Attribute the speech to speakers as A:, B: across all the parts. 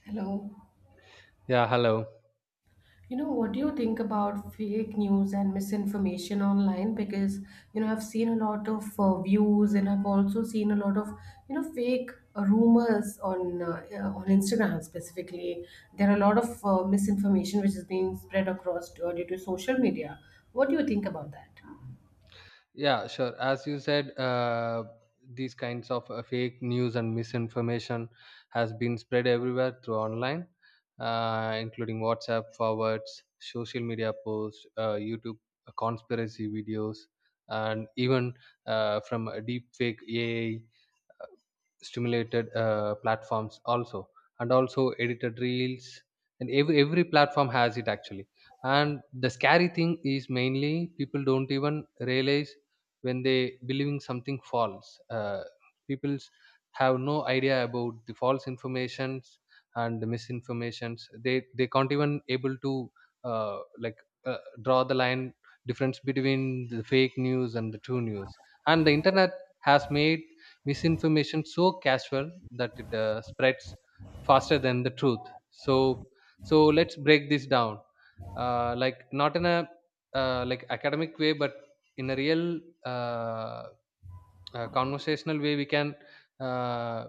A: Hello.
B: Yeah, hello.
A: You know, what do you think about fake news and misinformation online? Because I've seen a lot of views, and I've also seen a lot of, fake rumors on Instagram specifically. There are a lot of misinformation which is being spread across due to social media. What do you think about that?
B: Yeah, sure. As you said, these kinds of fake news and misinformation has been spread everywhere through online, including WhatsApp forwards, social media posts, YouTube conspiracy videos, and even from a deep fake AI. Stimulated platforms also, and also edited reels, and every platform has it actually. And the scary thing is mainly people don't even realize when they believing something false. People have no idea about the false informations and the misinformations. They can't even able to like draw the line difference between the fake news and the true news. And the internet has made misinformation so casual that it spreads faster than the truth. So let's break this down, like not in a like academic way, but in a real uh, conversational way we can uh,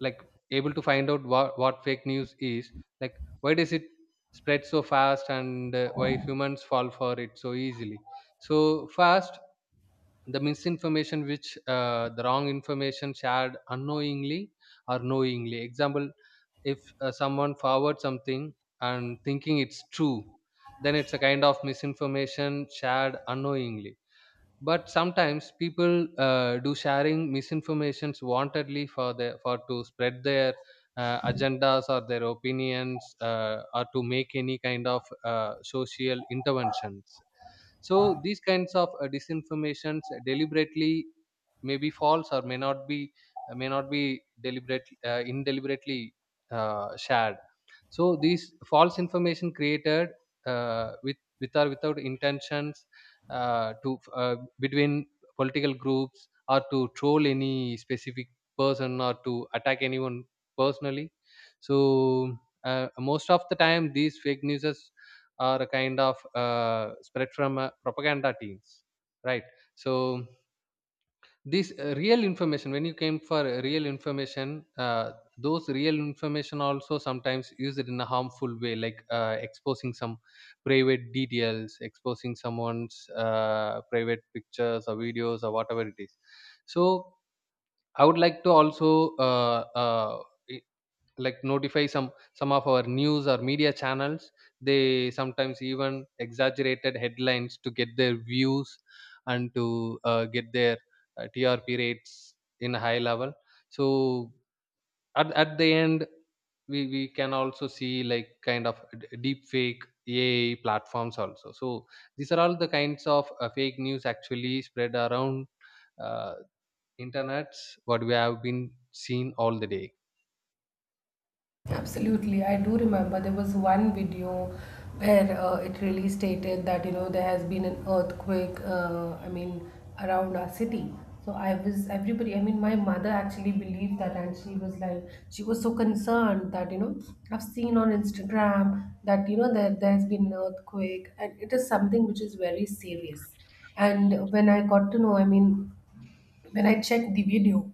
B: like able to find out what fake news is, like why does it spread so fast, and why humans fall for it so easily. So first, the misinformation, which the wrong information shared unknowingly or knowingly. Example: if someone forwards something and thinking it's true, then it's a kind of misinformation shared unknowingly. But sometimes people do sharing misinformations wantedly, for the for to spread their agendas or their opinions, or to make any kind of social interventions. So these kinds of disinformations deliberately may be false or may not be. May not be deliberate, indeliberately shared. So these false information created with or without intentions to between political groups, or to troll any specific person, or to attack anyone personally. So most of the time, these fake news are a kind of spread from propaganda teams, right? So this real information, when you came for real information, those real information also sometimes used in a harmful way, like exposing some private details, exposing someone's private pictures or videos or whatever it is. So I would like to also i- like notify some of our news or media channels. They sometimes even exaggerated headlines to get their views and to get their TRP rates in a high level. So at the end, we can also see like kind of deep fake AI platforms also. So these are all the kinds of fake news actually spread around uh, internets, what we have been seen all the day.
A: Absolutely, I do remember there was one video where it really stated that, you know, there has been an earthquake. I mean, around our city. So I was everybody. I mean, my mother actually believed that, and she was like, she was so concerned that, you know, I've seen on Instagram that, you know, that there's been an earthquake, and it is something which is very serious. And when I got to know, I mean, when I checked the video,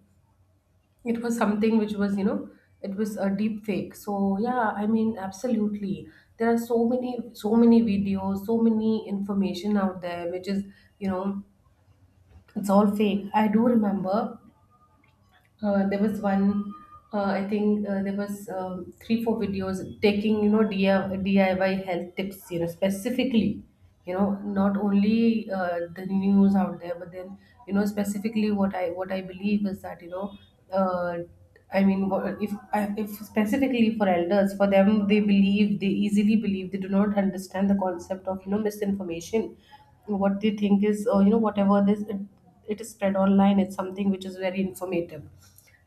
A: it was something which was, you know, it was a deep fake. So yeah, I mean, absolutely, there are so many videos, so many information out there which is, you know, it's all fake. I do remember there was one, I think, there was 3 4 videos taking, you know, DIY health tips, you know, specifically, you know, not only the news out there, but then, you know, specifically what I, what I believe is that, you know, uh, I mean if if specifically for elders, for them, they believe, they easily believe, they do not understand the concept of, you know, misinformation. What they think is, you know, whatever this, it is spread online, it's something which is very informative.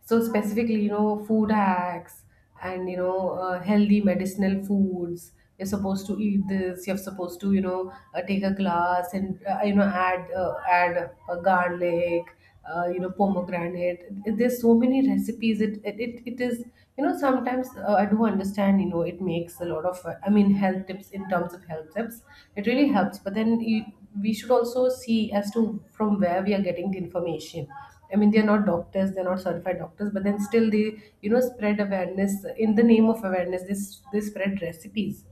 A: So specifically, you know, food hacks, and, you know, healthy medicinal foods, you're supposed to eat this, you're supposed to, you know, take a glass and, you know, add a garlic, you know, pomegranate. There's so many recipes. It is, you know, sometimes, I do understand, you know, it makes a lot of I mean health tips, in terms of health tips, it really helps, but we should also see as to from where we are getting the information. I mean, they're not doctors, they're not certified doctors, but then still they, you know, spread awareness. In the name of awareness, they spread recipes,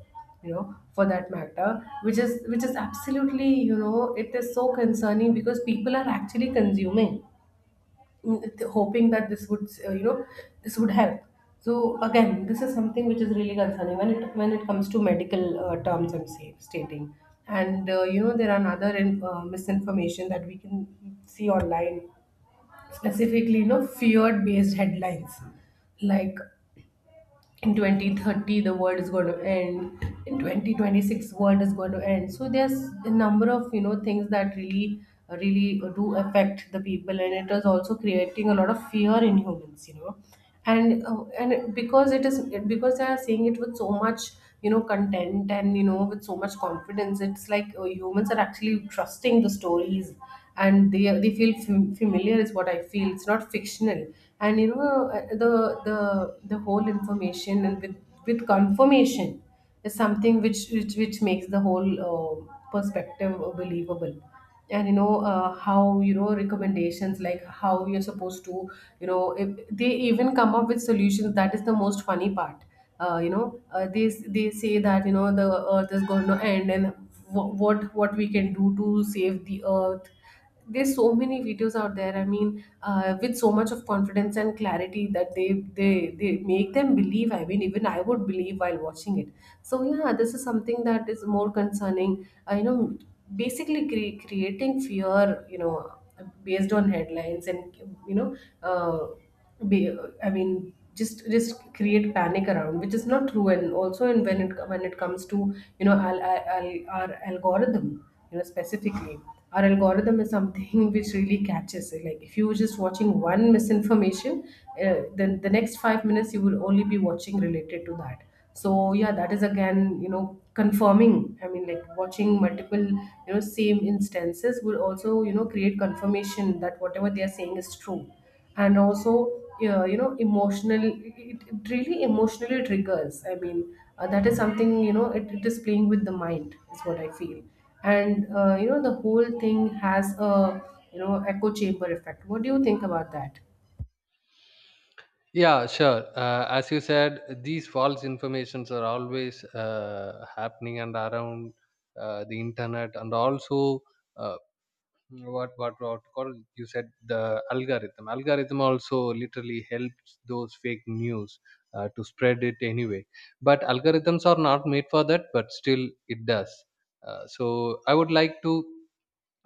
A: you know, for that matter, which is, which is absolutely, you know, it is so concerning because people are actually consuming, mm, hoping that this would, you know, this would help. So again, this is something which is really concerning when it comes to medical terms, and am stating. And, you know, there are another misinformation that we can see online, specifically, you know, fear based headlines, like in 2030 the world is going to end, in 2026 world is going to end. So there's a number of, you know, things that really do affect the people, and it is also creating a lot of fear in humans, you know. And, and because it is, because they are saying it with so much, you know, content, and, you know, with so much confidence, it's like, humans are actually trusting the stories, and they feel familiar is what I feel, it's not fictional. And, you know, the the whole information, and with confirmation, is something which which makes the whole perspective believable. And, you know, how, you know, recommendations, like how you're supposed to, you know, if they even come up with solutions, that is the most funny part. You know, they say that, you know, the earth is going to end, and what what we can do to save the earth. There's so many videos out there, I mean, with so much of confidence and clarity that they they make them believe, I mean, even I would believe while watching it. So yeah, this is something that is more concerning, you know, basically creating fear, you know, based on headlines, and, you know, uh, be, I mean, just create panic around, which is not true. And also, and when it comes to, you know, our our algorithm, you know, specifically our algorithm is something which really catches it. Like if you were just watching one misinformation, then the next 5 minutes you will only be watching related to that. So yeah, that is again, you know, confirming, I mean, like watching multiple, you know, same instances will also, you know, create confirmation that whatever they are saying is true. And also yeah, you know, emotional, it really emotionally triggers, I mean, that is something, you know, it is playing with the mind is what I feel. And, you know, the whole thing has a, you know, echo chamber effect. What do you think about that?
B: Yeah, sure. As you said, these false informations are always happening and around the internet, and also uh, what what to call, you said the algorithm. Algorithm also literally helps those fake news to spread it anyway. But algorithms are not made for that, but still it does. So I would like to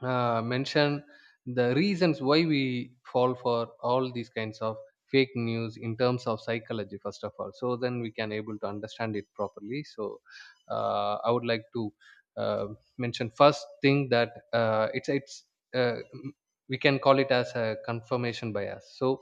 B: mention the reasons why we fall for all these kinds of fake news in terms of psychology first of all, so then we can able to understand it properly. So I would like to uh, mention first thing, that uh, m- we can call it as a confirmation bias. So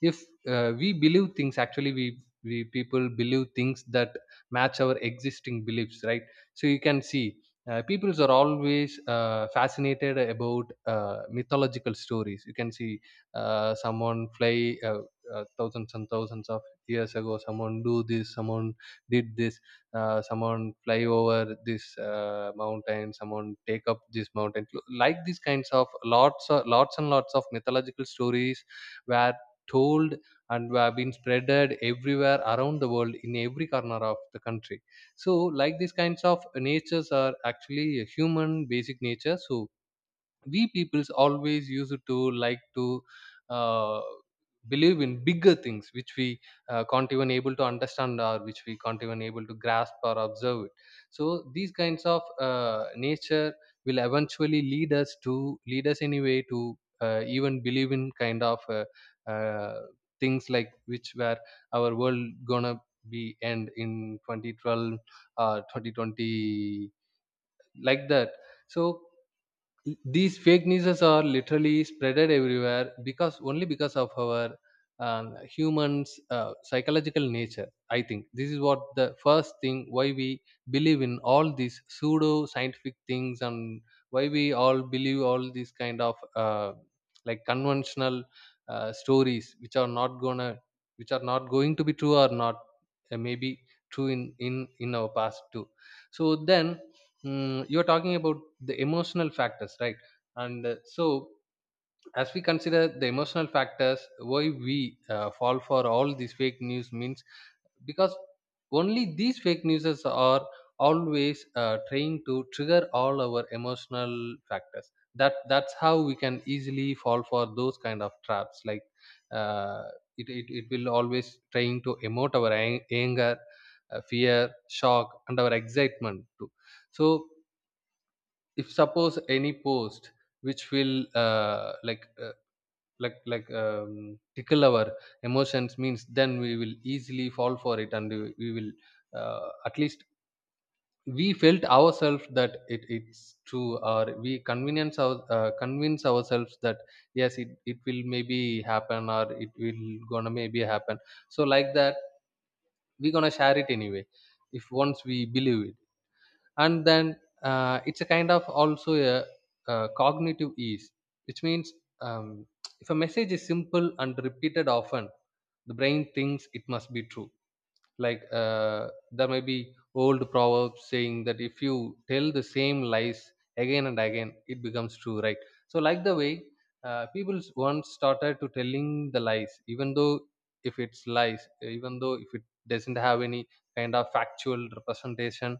B: if we believe things, actually we people believe things that match our existing beliefs, right? So you can see peoples are always fascinated about mythological stories. You can see someone fly thousands and thousands of years ago, someone do this, someone did this, someone fly over this mountain, someone take up this mountain, like these kinds of lots and lots of mythological stories were told and were being spreaded everywhere around the world in every corner of the country. So like these kinds of natures are actually a human basic nature. So we peoples always used to like to uh, believe in bigger things which we can't even able to understand, or which we can't even able to grasp or observe it. So these kinds of nature will eventually lead us to lead us anyway to even believe in kind of uh, things like, which where our world gonna be end in 2012 or 2020, like that. So these fake news are literally spreaded everywhere, because only because of our humans psychological nature. I think this is what the first thing why we believe in all these pseudo scientific things, and why we all believe all these kind of uh, like conventional stories which are not gonna, which are not going to be true or not, maybe true in in our past too. So then, mm, you're talking about the emotional factors, right? And so, as we consider the emotional factors, why we fall for all these fake news means, because only these fake newses are always trying to trigger all our emotional factors. That's how we can easily fall for those kind of traps. Like uh, it will always trying to emote our anger, fear, shock, and our excitement too. So if suppose any post which will like tickle our emotions means, then we will easily fall for it, and we will at least we felt ourselves that it's true, or we convenience our convince ourselves that yes it will maybe happen, or it will gonna maybe happen. So like that, we gonna share it anyway if once we believe it. And then it's a kind of also a cognitive ease, which means um, if a message is simple and repeated often, the brain thinks it must be true. Like there may be old proverbs saying that if you tell the same lies again and again, it becomes true, right? So like the way people once started to telling the lies, even though if it's lies, even though if it doesn't have any kind of factual representation,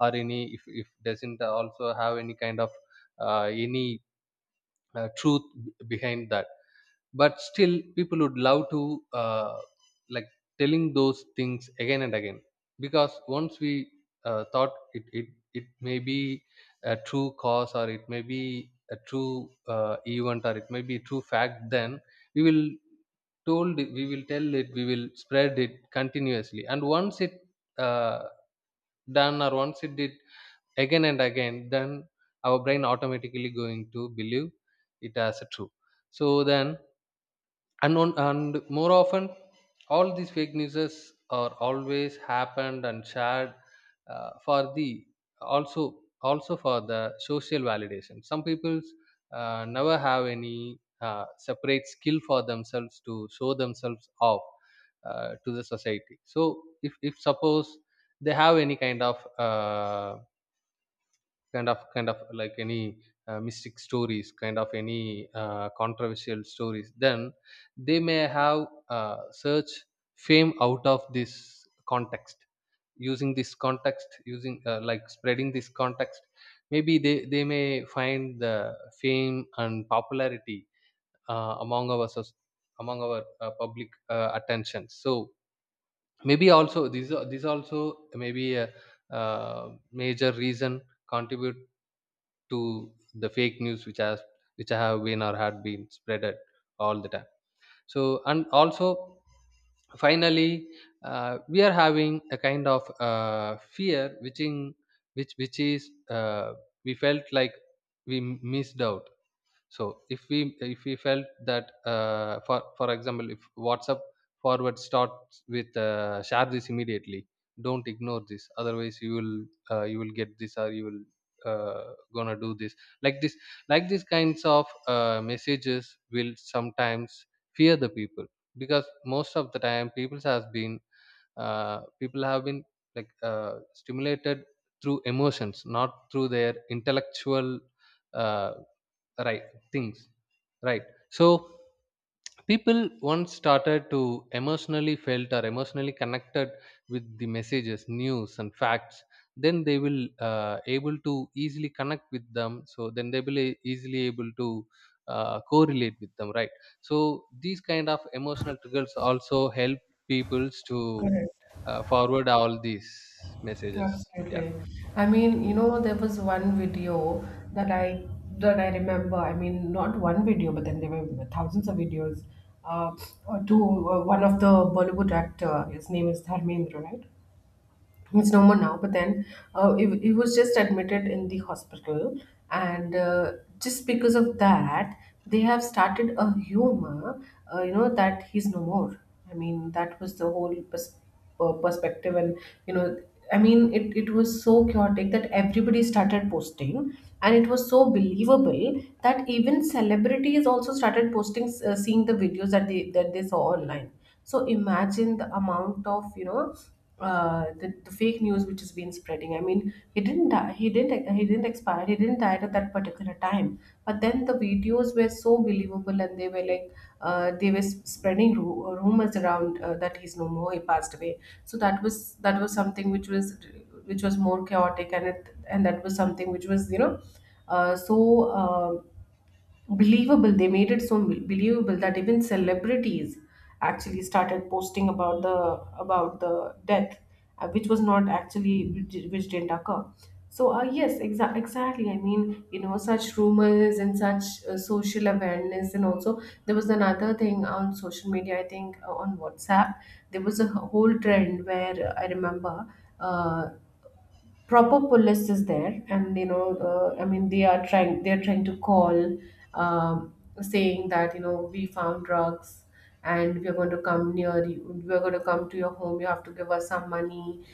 B: or any if doesn't also have any kind of any truth behind that. But still people would love to like telling those things again and again, because once we thought it it may be a true cause, or it may be a true event, or it may be a true fact, then we will we will tell it, we will spread it continuously. And once it uh, done, or once it did again and again, then our brain automatically going to believe it as a true. So then, and on, and more often, all these fake newses are always happened and shared for the also for the social validation. Some people never have any separate skill for themselves to show themselves off to the society. So if suppose they have any kind of like any mystic stories, kind of any controversial stories, then they may have search fame out of this context, using this context, using like spreading this context, maybe they may find the fame and popularity uh, among our soc- among our public attention. So maybe also this also maybe a major reason contribute to the fake news which has, which have been or had been spreaded all the time. So and also, finally, we are having a kind of fear which in which is we felt like we missed out. So if we, if we felt that for example, if WhatsApp forward starts with share this immediately, don't ignore this, otherwise you will get this, or you will gonna do this, like this. Like these kinds of messages will sometimes fear the people, because most of the time people has been people have been like stimulated through emotions, not through their intellectual uh, right things, right? So people once started to emotionally felt or emotionally connected with the messages, news and facts, then they will able to easily connect with them. So then they will easily able to correlate with them, right? So these kind of emotional triggers also help peoples to
A: Correct.
B: forward all these messages, yeah.
A: Absolutely. I mean, you know, there was one video that I remember. I mean, not one video, but then there were thousands of videos. Uh, to one of the Bollywood actor, his name is Dharmendra, right? It's no more now, but then, he was just admitted in the hospital, and, just because of that, they have started a humor, you know, that he's no more. I mean, that was the whole perspective, and, you know, I mean, it was so chaotic that everybody started posting, and it was so believable that even celebrities also started posting, seeing the videos that they saw online. So imagine the amount of, you know, the fake news which has been spreading. I mean, he didn't die, he didn't expire, he didn't die at that particular time. But then the videos were so believable, and they were like, they were spreading rumors around, that he's no more, he passed away. So that was something which was, which was more chaotic. And it, and that was something which was, you know, uh, so uh, believable. They made it so believable that even celebrities actually started posting about the, about the death, which was not actually, which didn't occur. So, yes, exactly, I mean, you know, such rumors and such, social awareness. And also, there was another thing on social media, I think, on WhatsApp. There was a whole trend where, I remember, uh, proper police is there, and, you know, I mean, they are trying, they're trying to call, um, saying that, you know, we found drugs, and we're going to come near you, we're going to come to your home, you have to give us some money.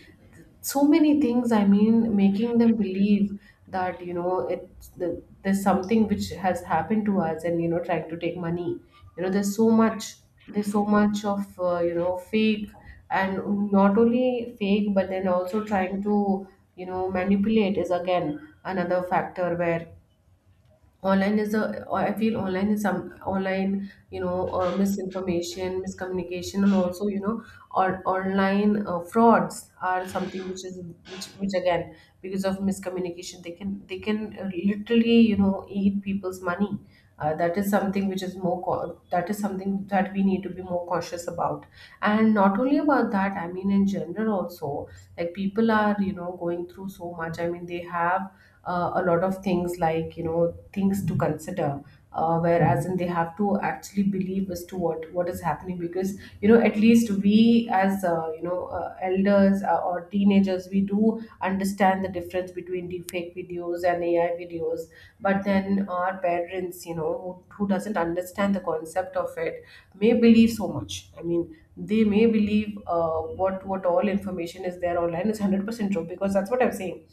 A: So many things, I mean, making them believe that, you know, there's something which has happened to us, and, you know, trying to take money. You know, there's so much, there's so much of, you know, fake, and not only fake, but then also trying to, you know, manipulate, is again another factor where online is a, or I feel online is some online, you know, misinformation, miscommunication, and also, you know, or online frauds are something which is, which again, because of miscommunication, they can, literally, you know, eat people's money. That is something which is more that is something that we need to be more cautious about. And not only about that, I mean, in general also, like people are, you know, going through so much, I mean, they have, a lot of things, like, you know, things to consider, whereas in they have to actually believe as to what is happening. Because, you know, at least we as, you know, elders, or teenagers, we do understand the difference between deep fake videos and AI videos. But then our parents, you know, who doesn't understand the concept of it may believe so much, I mean, they may believe, what all information is there online is 100% true. Because that's what I'm saying,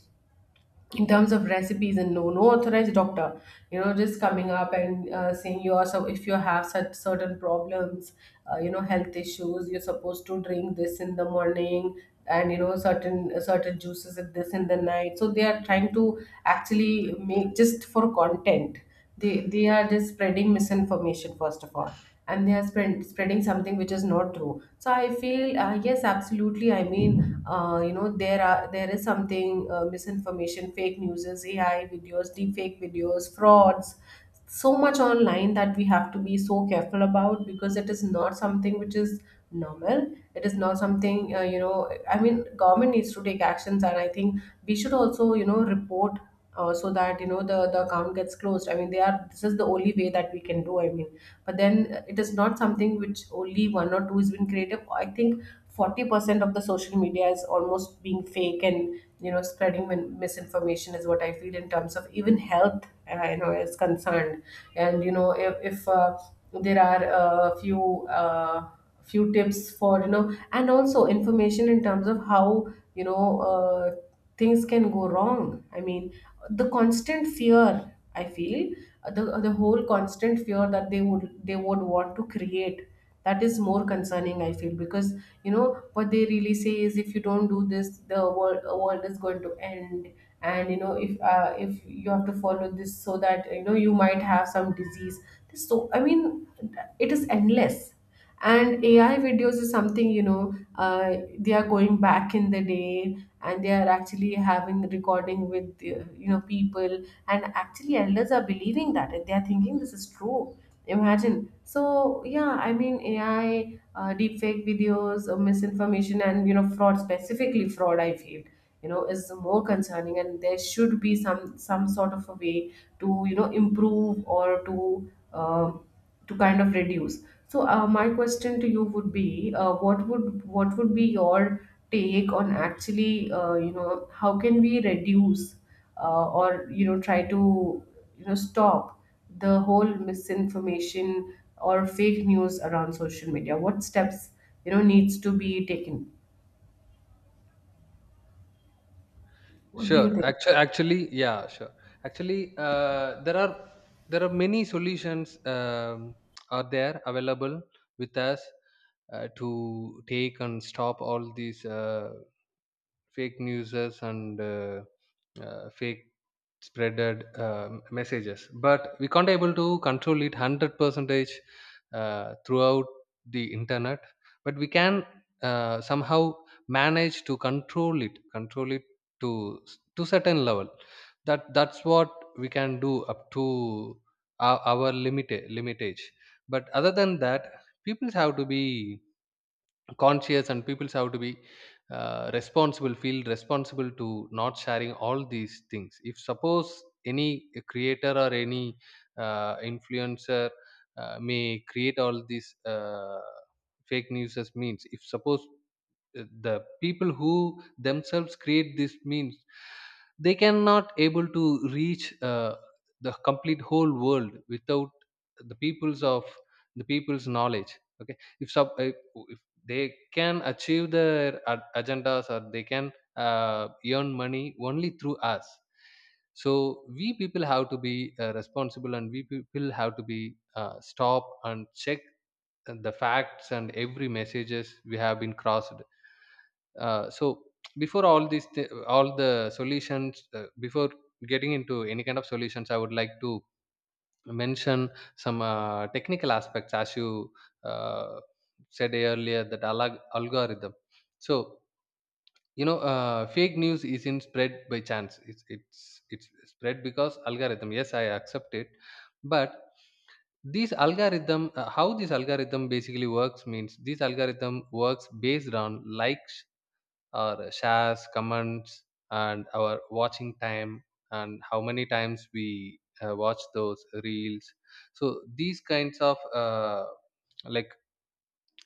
A: in terms of recipes, and no authorized doctor, you know, just coming up and, saying you are, so if you have such certain problems, you know, health issues, you're supposed to drink this in the morning, and, you know, certain juices at this in the night. So they are trying to actually make just for content, they are just spreading misinformation first of all, and they are spreading something which is not true. So I feel, yes, absolutely, I mean, you know, there are, there is something, misinformation, fake news, AI videos, deep fake videos, frauds, so much online, that we have to be so careful about because it is not something which is normal. It is not something, you know, I mean government needs to take actions. And I think we should also, you know, report, so that, you know, the account gets closed. I mean they are, this is the only way that we can do, I mean. But then it is not something which only one or two has been creative. I think 40% of the social media is almost being fake and, you know, spreading misinformation is what I feel, in terms of even health you know is concerned. And you know, if there are a few few tips for, you know, and also information in terms of how, you know, things can go wrong. I mean the constant fear, I feel, the whole constant fear that they would, they would want to create, that is more concerning, I feel, because, you know, what they really say is, if you don't do this, the world is going to end. And you know if you have to follow this, so that you know, you might have some disease. So I mean, it is endless. And AI videos is something, you know, uh, they are going back in the day, and they are actually having recording with, you know, people, and actually elders are believing that, and they are thinking this is true. Imagine. So yeah, I mean, AI deep fake videos, misinformation and, you know, fraud, specifically fraud, I feel, you know, is more concerning. And there should be some sort of a way to, you know, improve or um to kind of reduce. So my question to you would be, what would, what would be your take on actually, you know, how can we reduce, or you know, try to, you know, stop the whole misinformation or fake news around social media? What steps, you know, needs to be taken? What do you
B: Sure.
A: think?
B: Actually, actually, yeah, sure. Actually, there are many solutions are there available with us to take and stop all these fake newses and fake spreaded messages, but we can't able to control it 100 percentage throughout the internet. But we can somehow manage to control it to to certain level. That that's what we can do up to our limitage. But other than that, people have to be conscious and people have to be responsible, feel responsible to not sharing all these things. If suppose any creator or any influencer may create all these fake news as means, if suppose the people who themselves create these memes, they cannot able to reach the complete whole world without the peoples of the people's knowledge. Okay, if sub if they can achieve their agendas or they can earn money only through us. So we people have to be responsible, and we people have to be stop and check the facts and every messages we have been crossed. So before all these all the solutions, before getting into any kind of solutions, I would like to mention some technical aspects. As you uh, said earlier, that alag algorithm. So fake news isn't spread by chance, it's it's spread because algorithm. Yes, I accept it. But these algorithm, how this algorithm basically works means this algorithm works based on likes, our shares, comments, and our watching time, and how many times we watch those reels. So these kinds of like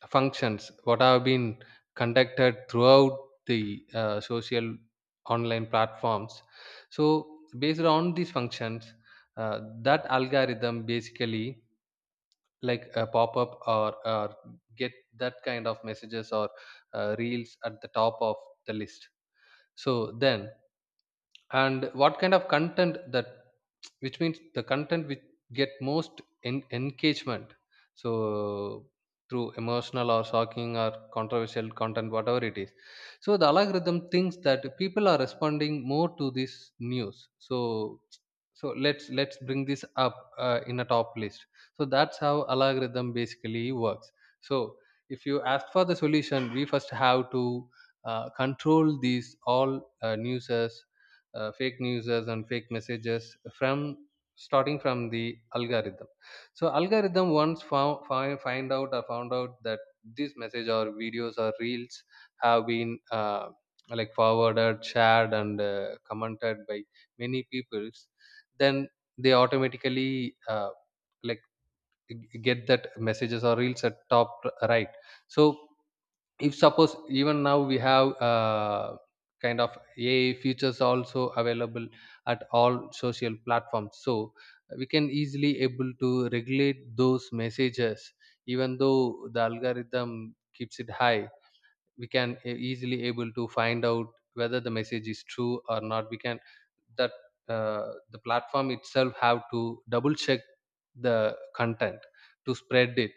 B: functions, what have been conducted throughout the social online platforms. So based on these functions, that algorithm basically like a pop-up or get that kind of messages or reels at the top of the list. So then, and what kind of content that, which means the content which get most engagement. So through emotional or shocking or controversial content, whatever it is. So the algorithm thinks that people are responding more to this news. So so let's bring this up in a top list. So that's how algorithm basically works. So if you ask for the solution, we first have to control these all newses, fake news and fake messages, from starting from the algorithm. So algorithm, once found out that this message or videos or reels have been forwarded, shared and commented by many peoples, then they automatically like get that messages or reels at top, right? So if suppose, even now we have kind of AI features also available at all social platforms. So we can easily able to regulate those messages. Even though the algorithm keeps it high, we can easily able to find out whether the message is true or not. We can that, the platform itself have to double check the content to spread it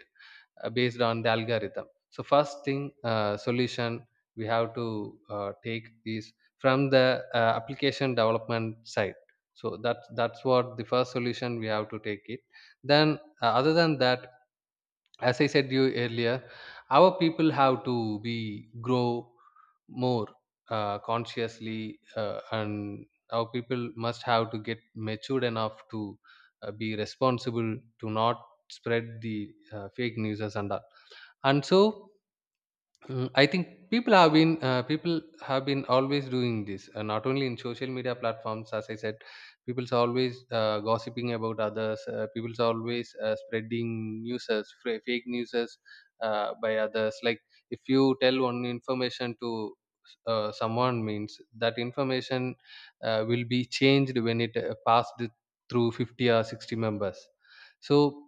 B: based on the algorithm. So first thing, solution we have to take is from the application development side. So that that's what the first solution we have to take it. Then other than that, as I said you earlier, our people have to be grow more consciously, and our people must have to get matured enough to be responsible to not spread the fake news and all. And so I think people have been always doing this, not only in social media platforms. As I said, people's always gossiping about others, people's always spreading newses, fake newses by others. Like if you tell one information to someone, means that information will be changed when it passed through 50 or 60 members. So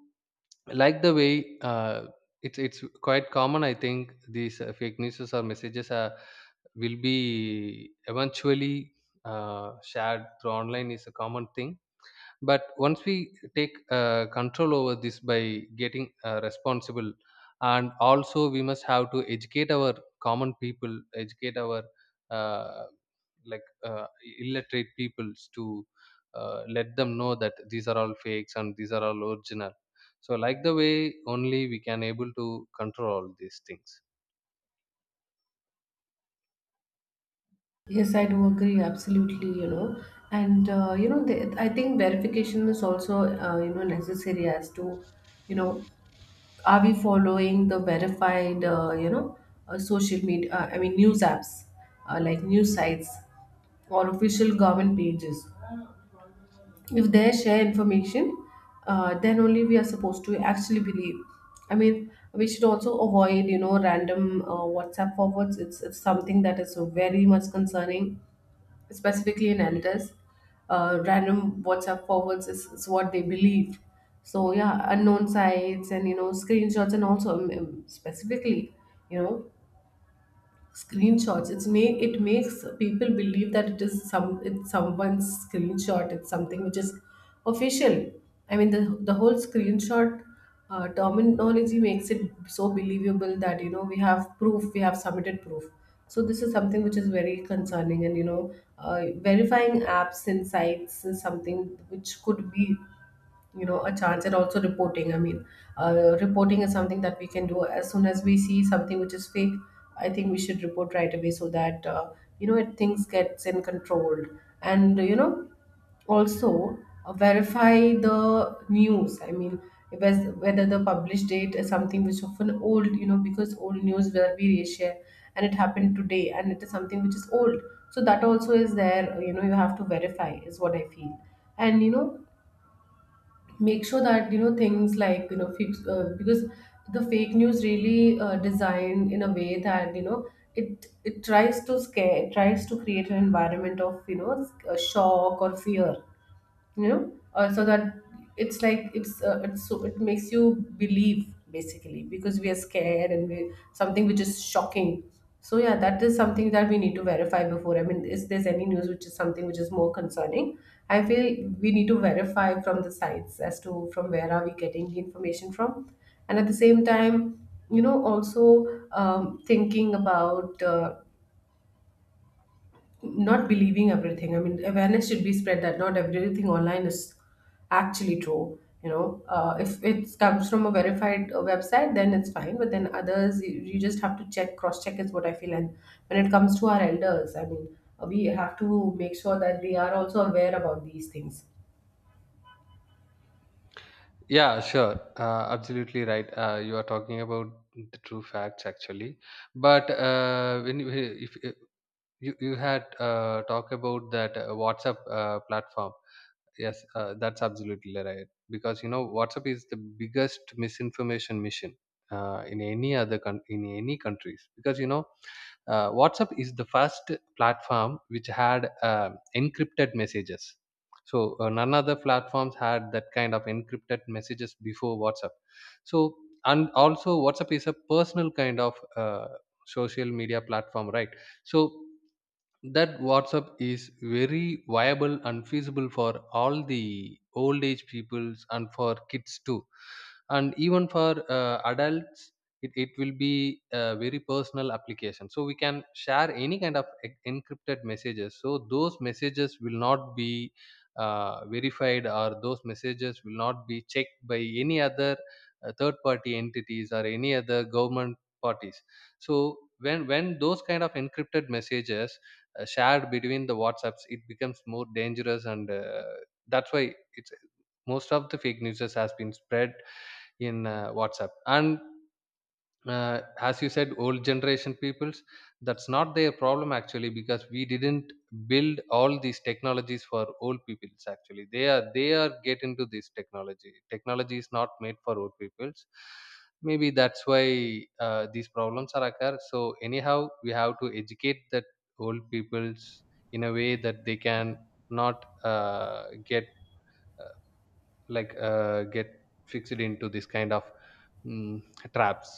B: like the way it's quite common. I think these fake news or messages are, will be eventually shared through online is a common thing. But once we take control over this by getting responsible, and also we must have to educate our common people, educate our uh, like uh, illiterate peoples to let them know that these are all fakes and these are all original. So like the way only we can able to control all these things.
A: Yes, I do agree absolutely, you know, and you know, I think verification is also, you know, necessary, as to, you know, are we following the verified, you know, social media, I mean news apps, like news sites or official government pages. If they share information, then only we are supposed to actually believe. I mean we should also avoid, you know, random whatsapp forwards. It's something that is very much concerning, specifically in elders. Random WhatsApp forwards is what they believe. So yeah, unknown sites, and you know, screenshots, and also specifically, you know, screenshots, it makes people believe that it is some, it's someone's screenshot, it's something which is official. I mean the whole screenshot terminology makes it so believable that, you know, we have proof, we have submitted proof. So this is something which is very concerning. And you know, verifying apps and sites is something which could be, you know, a chance. And also reporting, I mean, reporting is something that we can do as soon as we see something which is fake. I think we should report right away, so that you know things gets in controlled. And you know, also, verify the news, I mean, if whether the published date is something which often old, you know, because old news where we reshare, and it happened today, and it is something which is old. So that also is there, you know, you have to verify, is what I feel. And you know, make sure that, you know, things like, you know, because the fake news really designed in a way that, you know, it tries to scare, it tries to create an environment of, you know, shock or fear, you know, so that it's like it's so it makes you believe, basically, because we are scared and we something which is shocking. So yeah, that is something that we need to verify before, I mean, is there's any news which is something which is more concerning, I feel, we need to verify from the sites as to from where are we getting the information from. And at the same time, you know, also thinking about, not believing everything. I mean, awareness should be spread that not everything online is actually true. You know, if it comes from a verified website, then it's fine. But then others, you just have to check, cross check, is what I feel. And when it comes to our elders, I mean, we have to make sure that they are also aware about these things.
B: Yeah, sure. Absolutely right. You are talking about the true facts actually. But when you- if you you had talk about that WhatsApp platform. Yes, that's absolutely right. Because you know WhatsApp is the biggest misinformation mission in any other in any countries. Because you know WhatsApp is the first platform which had encrypted messages. So none other platforms had that kind of encrypted messages before WhatsApp. So, and also WhatsApp is a personal kind of social media platform, right? So that WhatsApp is very viable and feasible for all the old age peoples and for kids too, and even for adults. It will be a very personal application, so we can share any kind of encrypted messages. So those messages will not be verified, or those messages will not be checked by any other third-party entities or any other government parties. So when those kind of encrypted messages shared between the WhatsApps, it becomes more dangerous, and that's why it's, most of the fake news has been spread in WhatsApp. And as you said, old generation peoples, that's not their problem actually, because we didn't build all these technologies for old peoples. Actually they are get into this technology. Technology is not made for old peoples, maybe that's why these problems are occur. So anyhow we have to educate that old peoples in a way that they can not get uh, get fixed into this kind of mm, traps.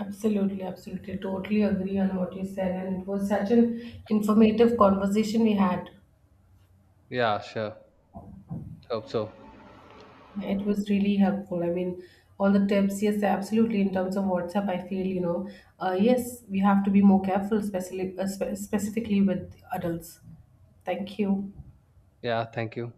A: Absolutely, absolutely. Totally agree on what you said. And it was such an informative conversation we had.
B: Yeah, sure. Hope so.
A: It was really helpful. I mean, all the tips, yes, absolutely. In terms of WhatsApp, I feel, you know, yes, we have to be more careful, especially specifically with adults. Thank you.
B: Yeah, thank you.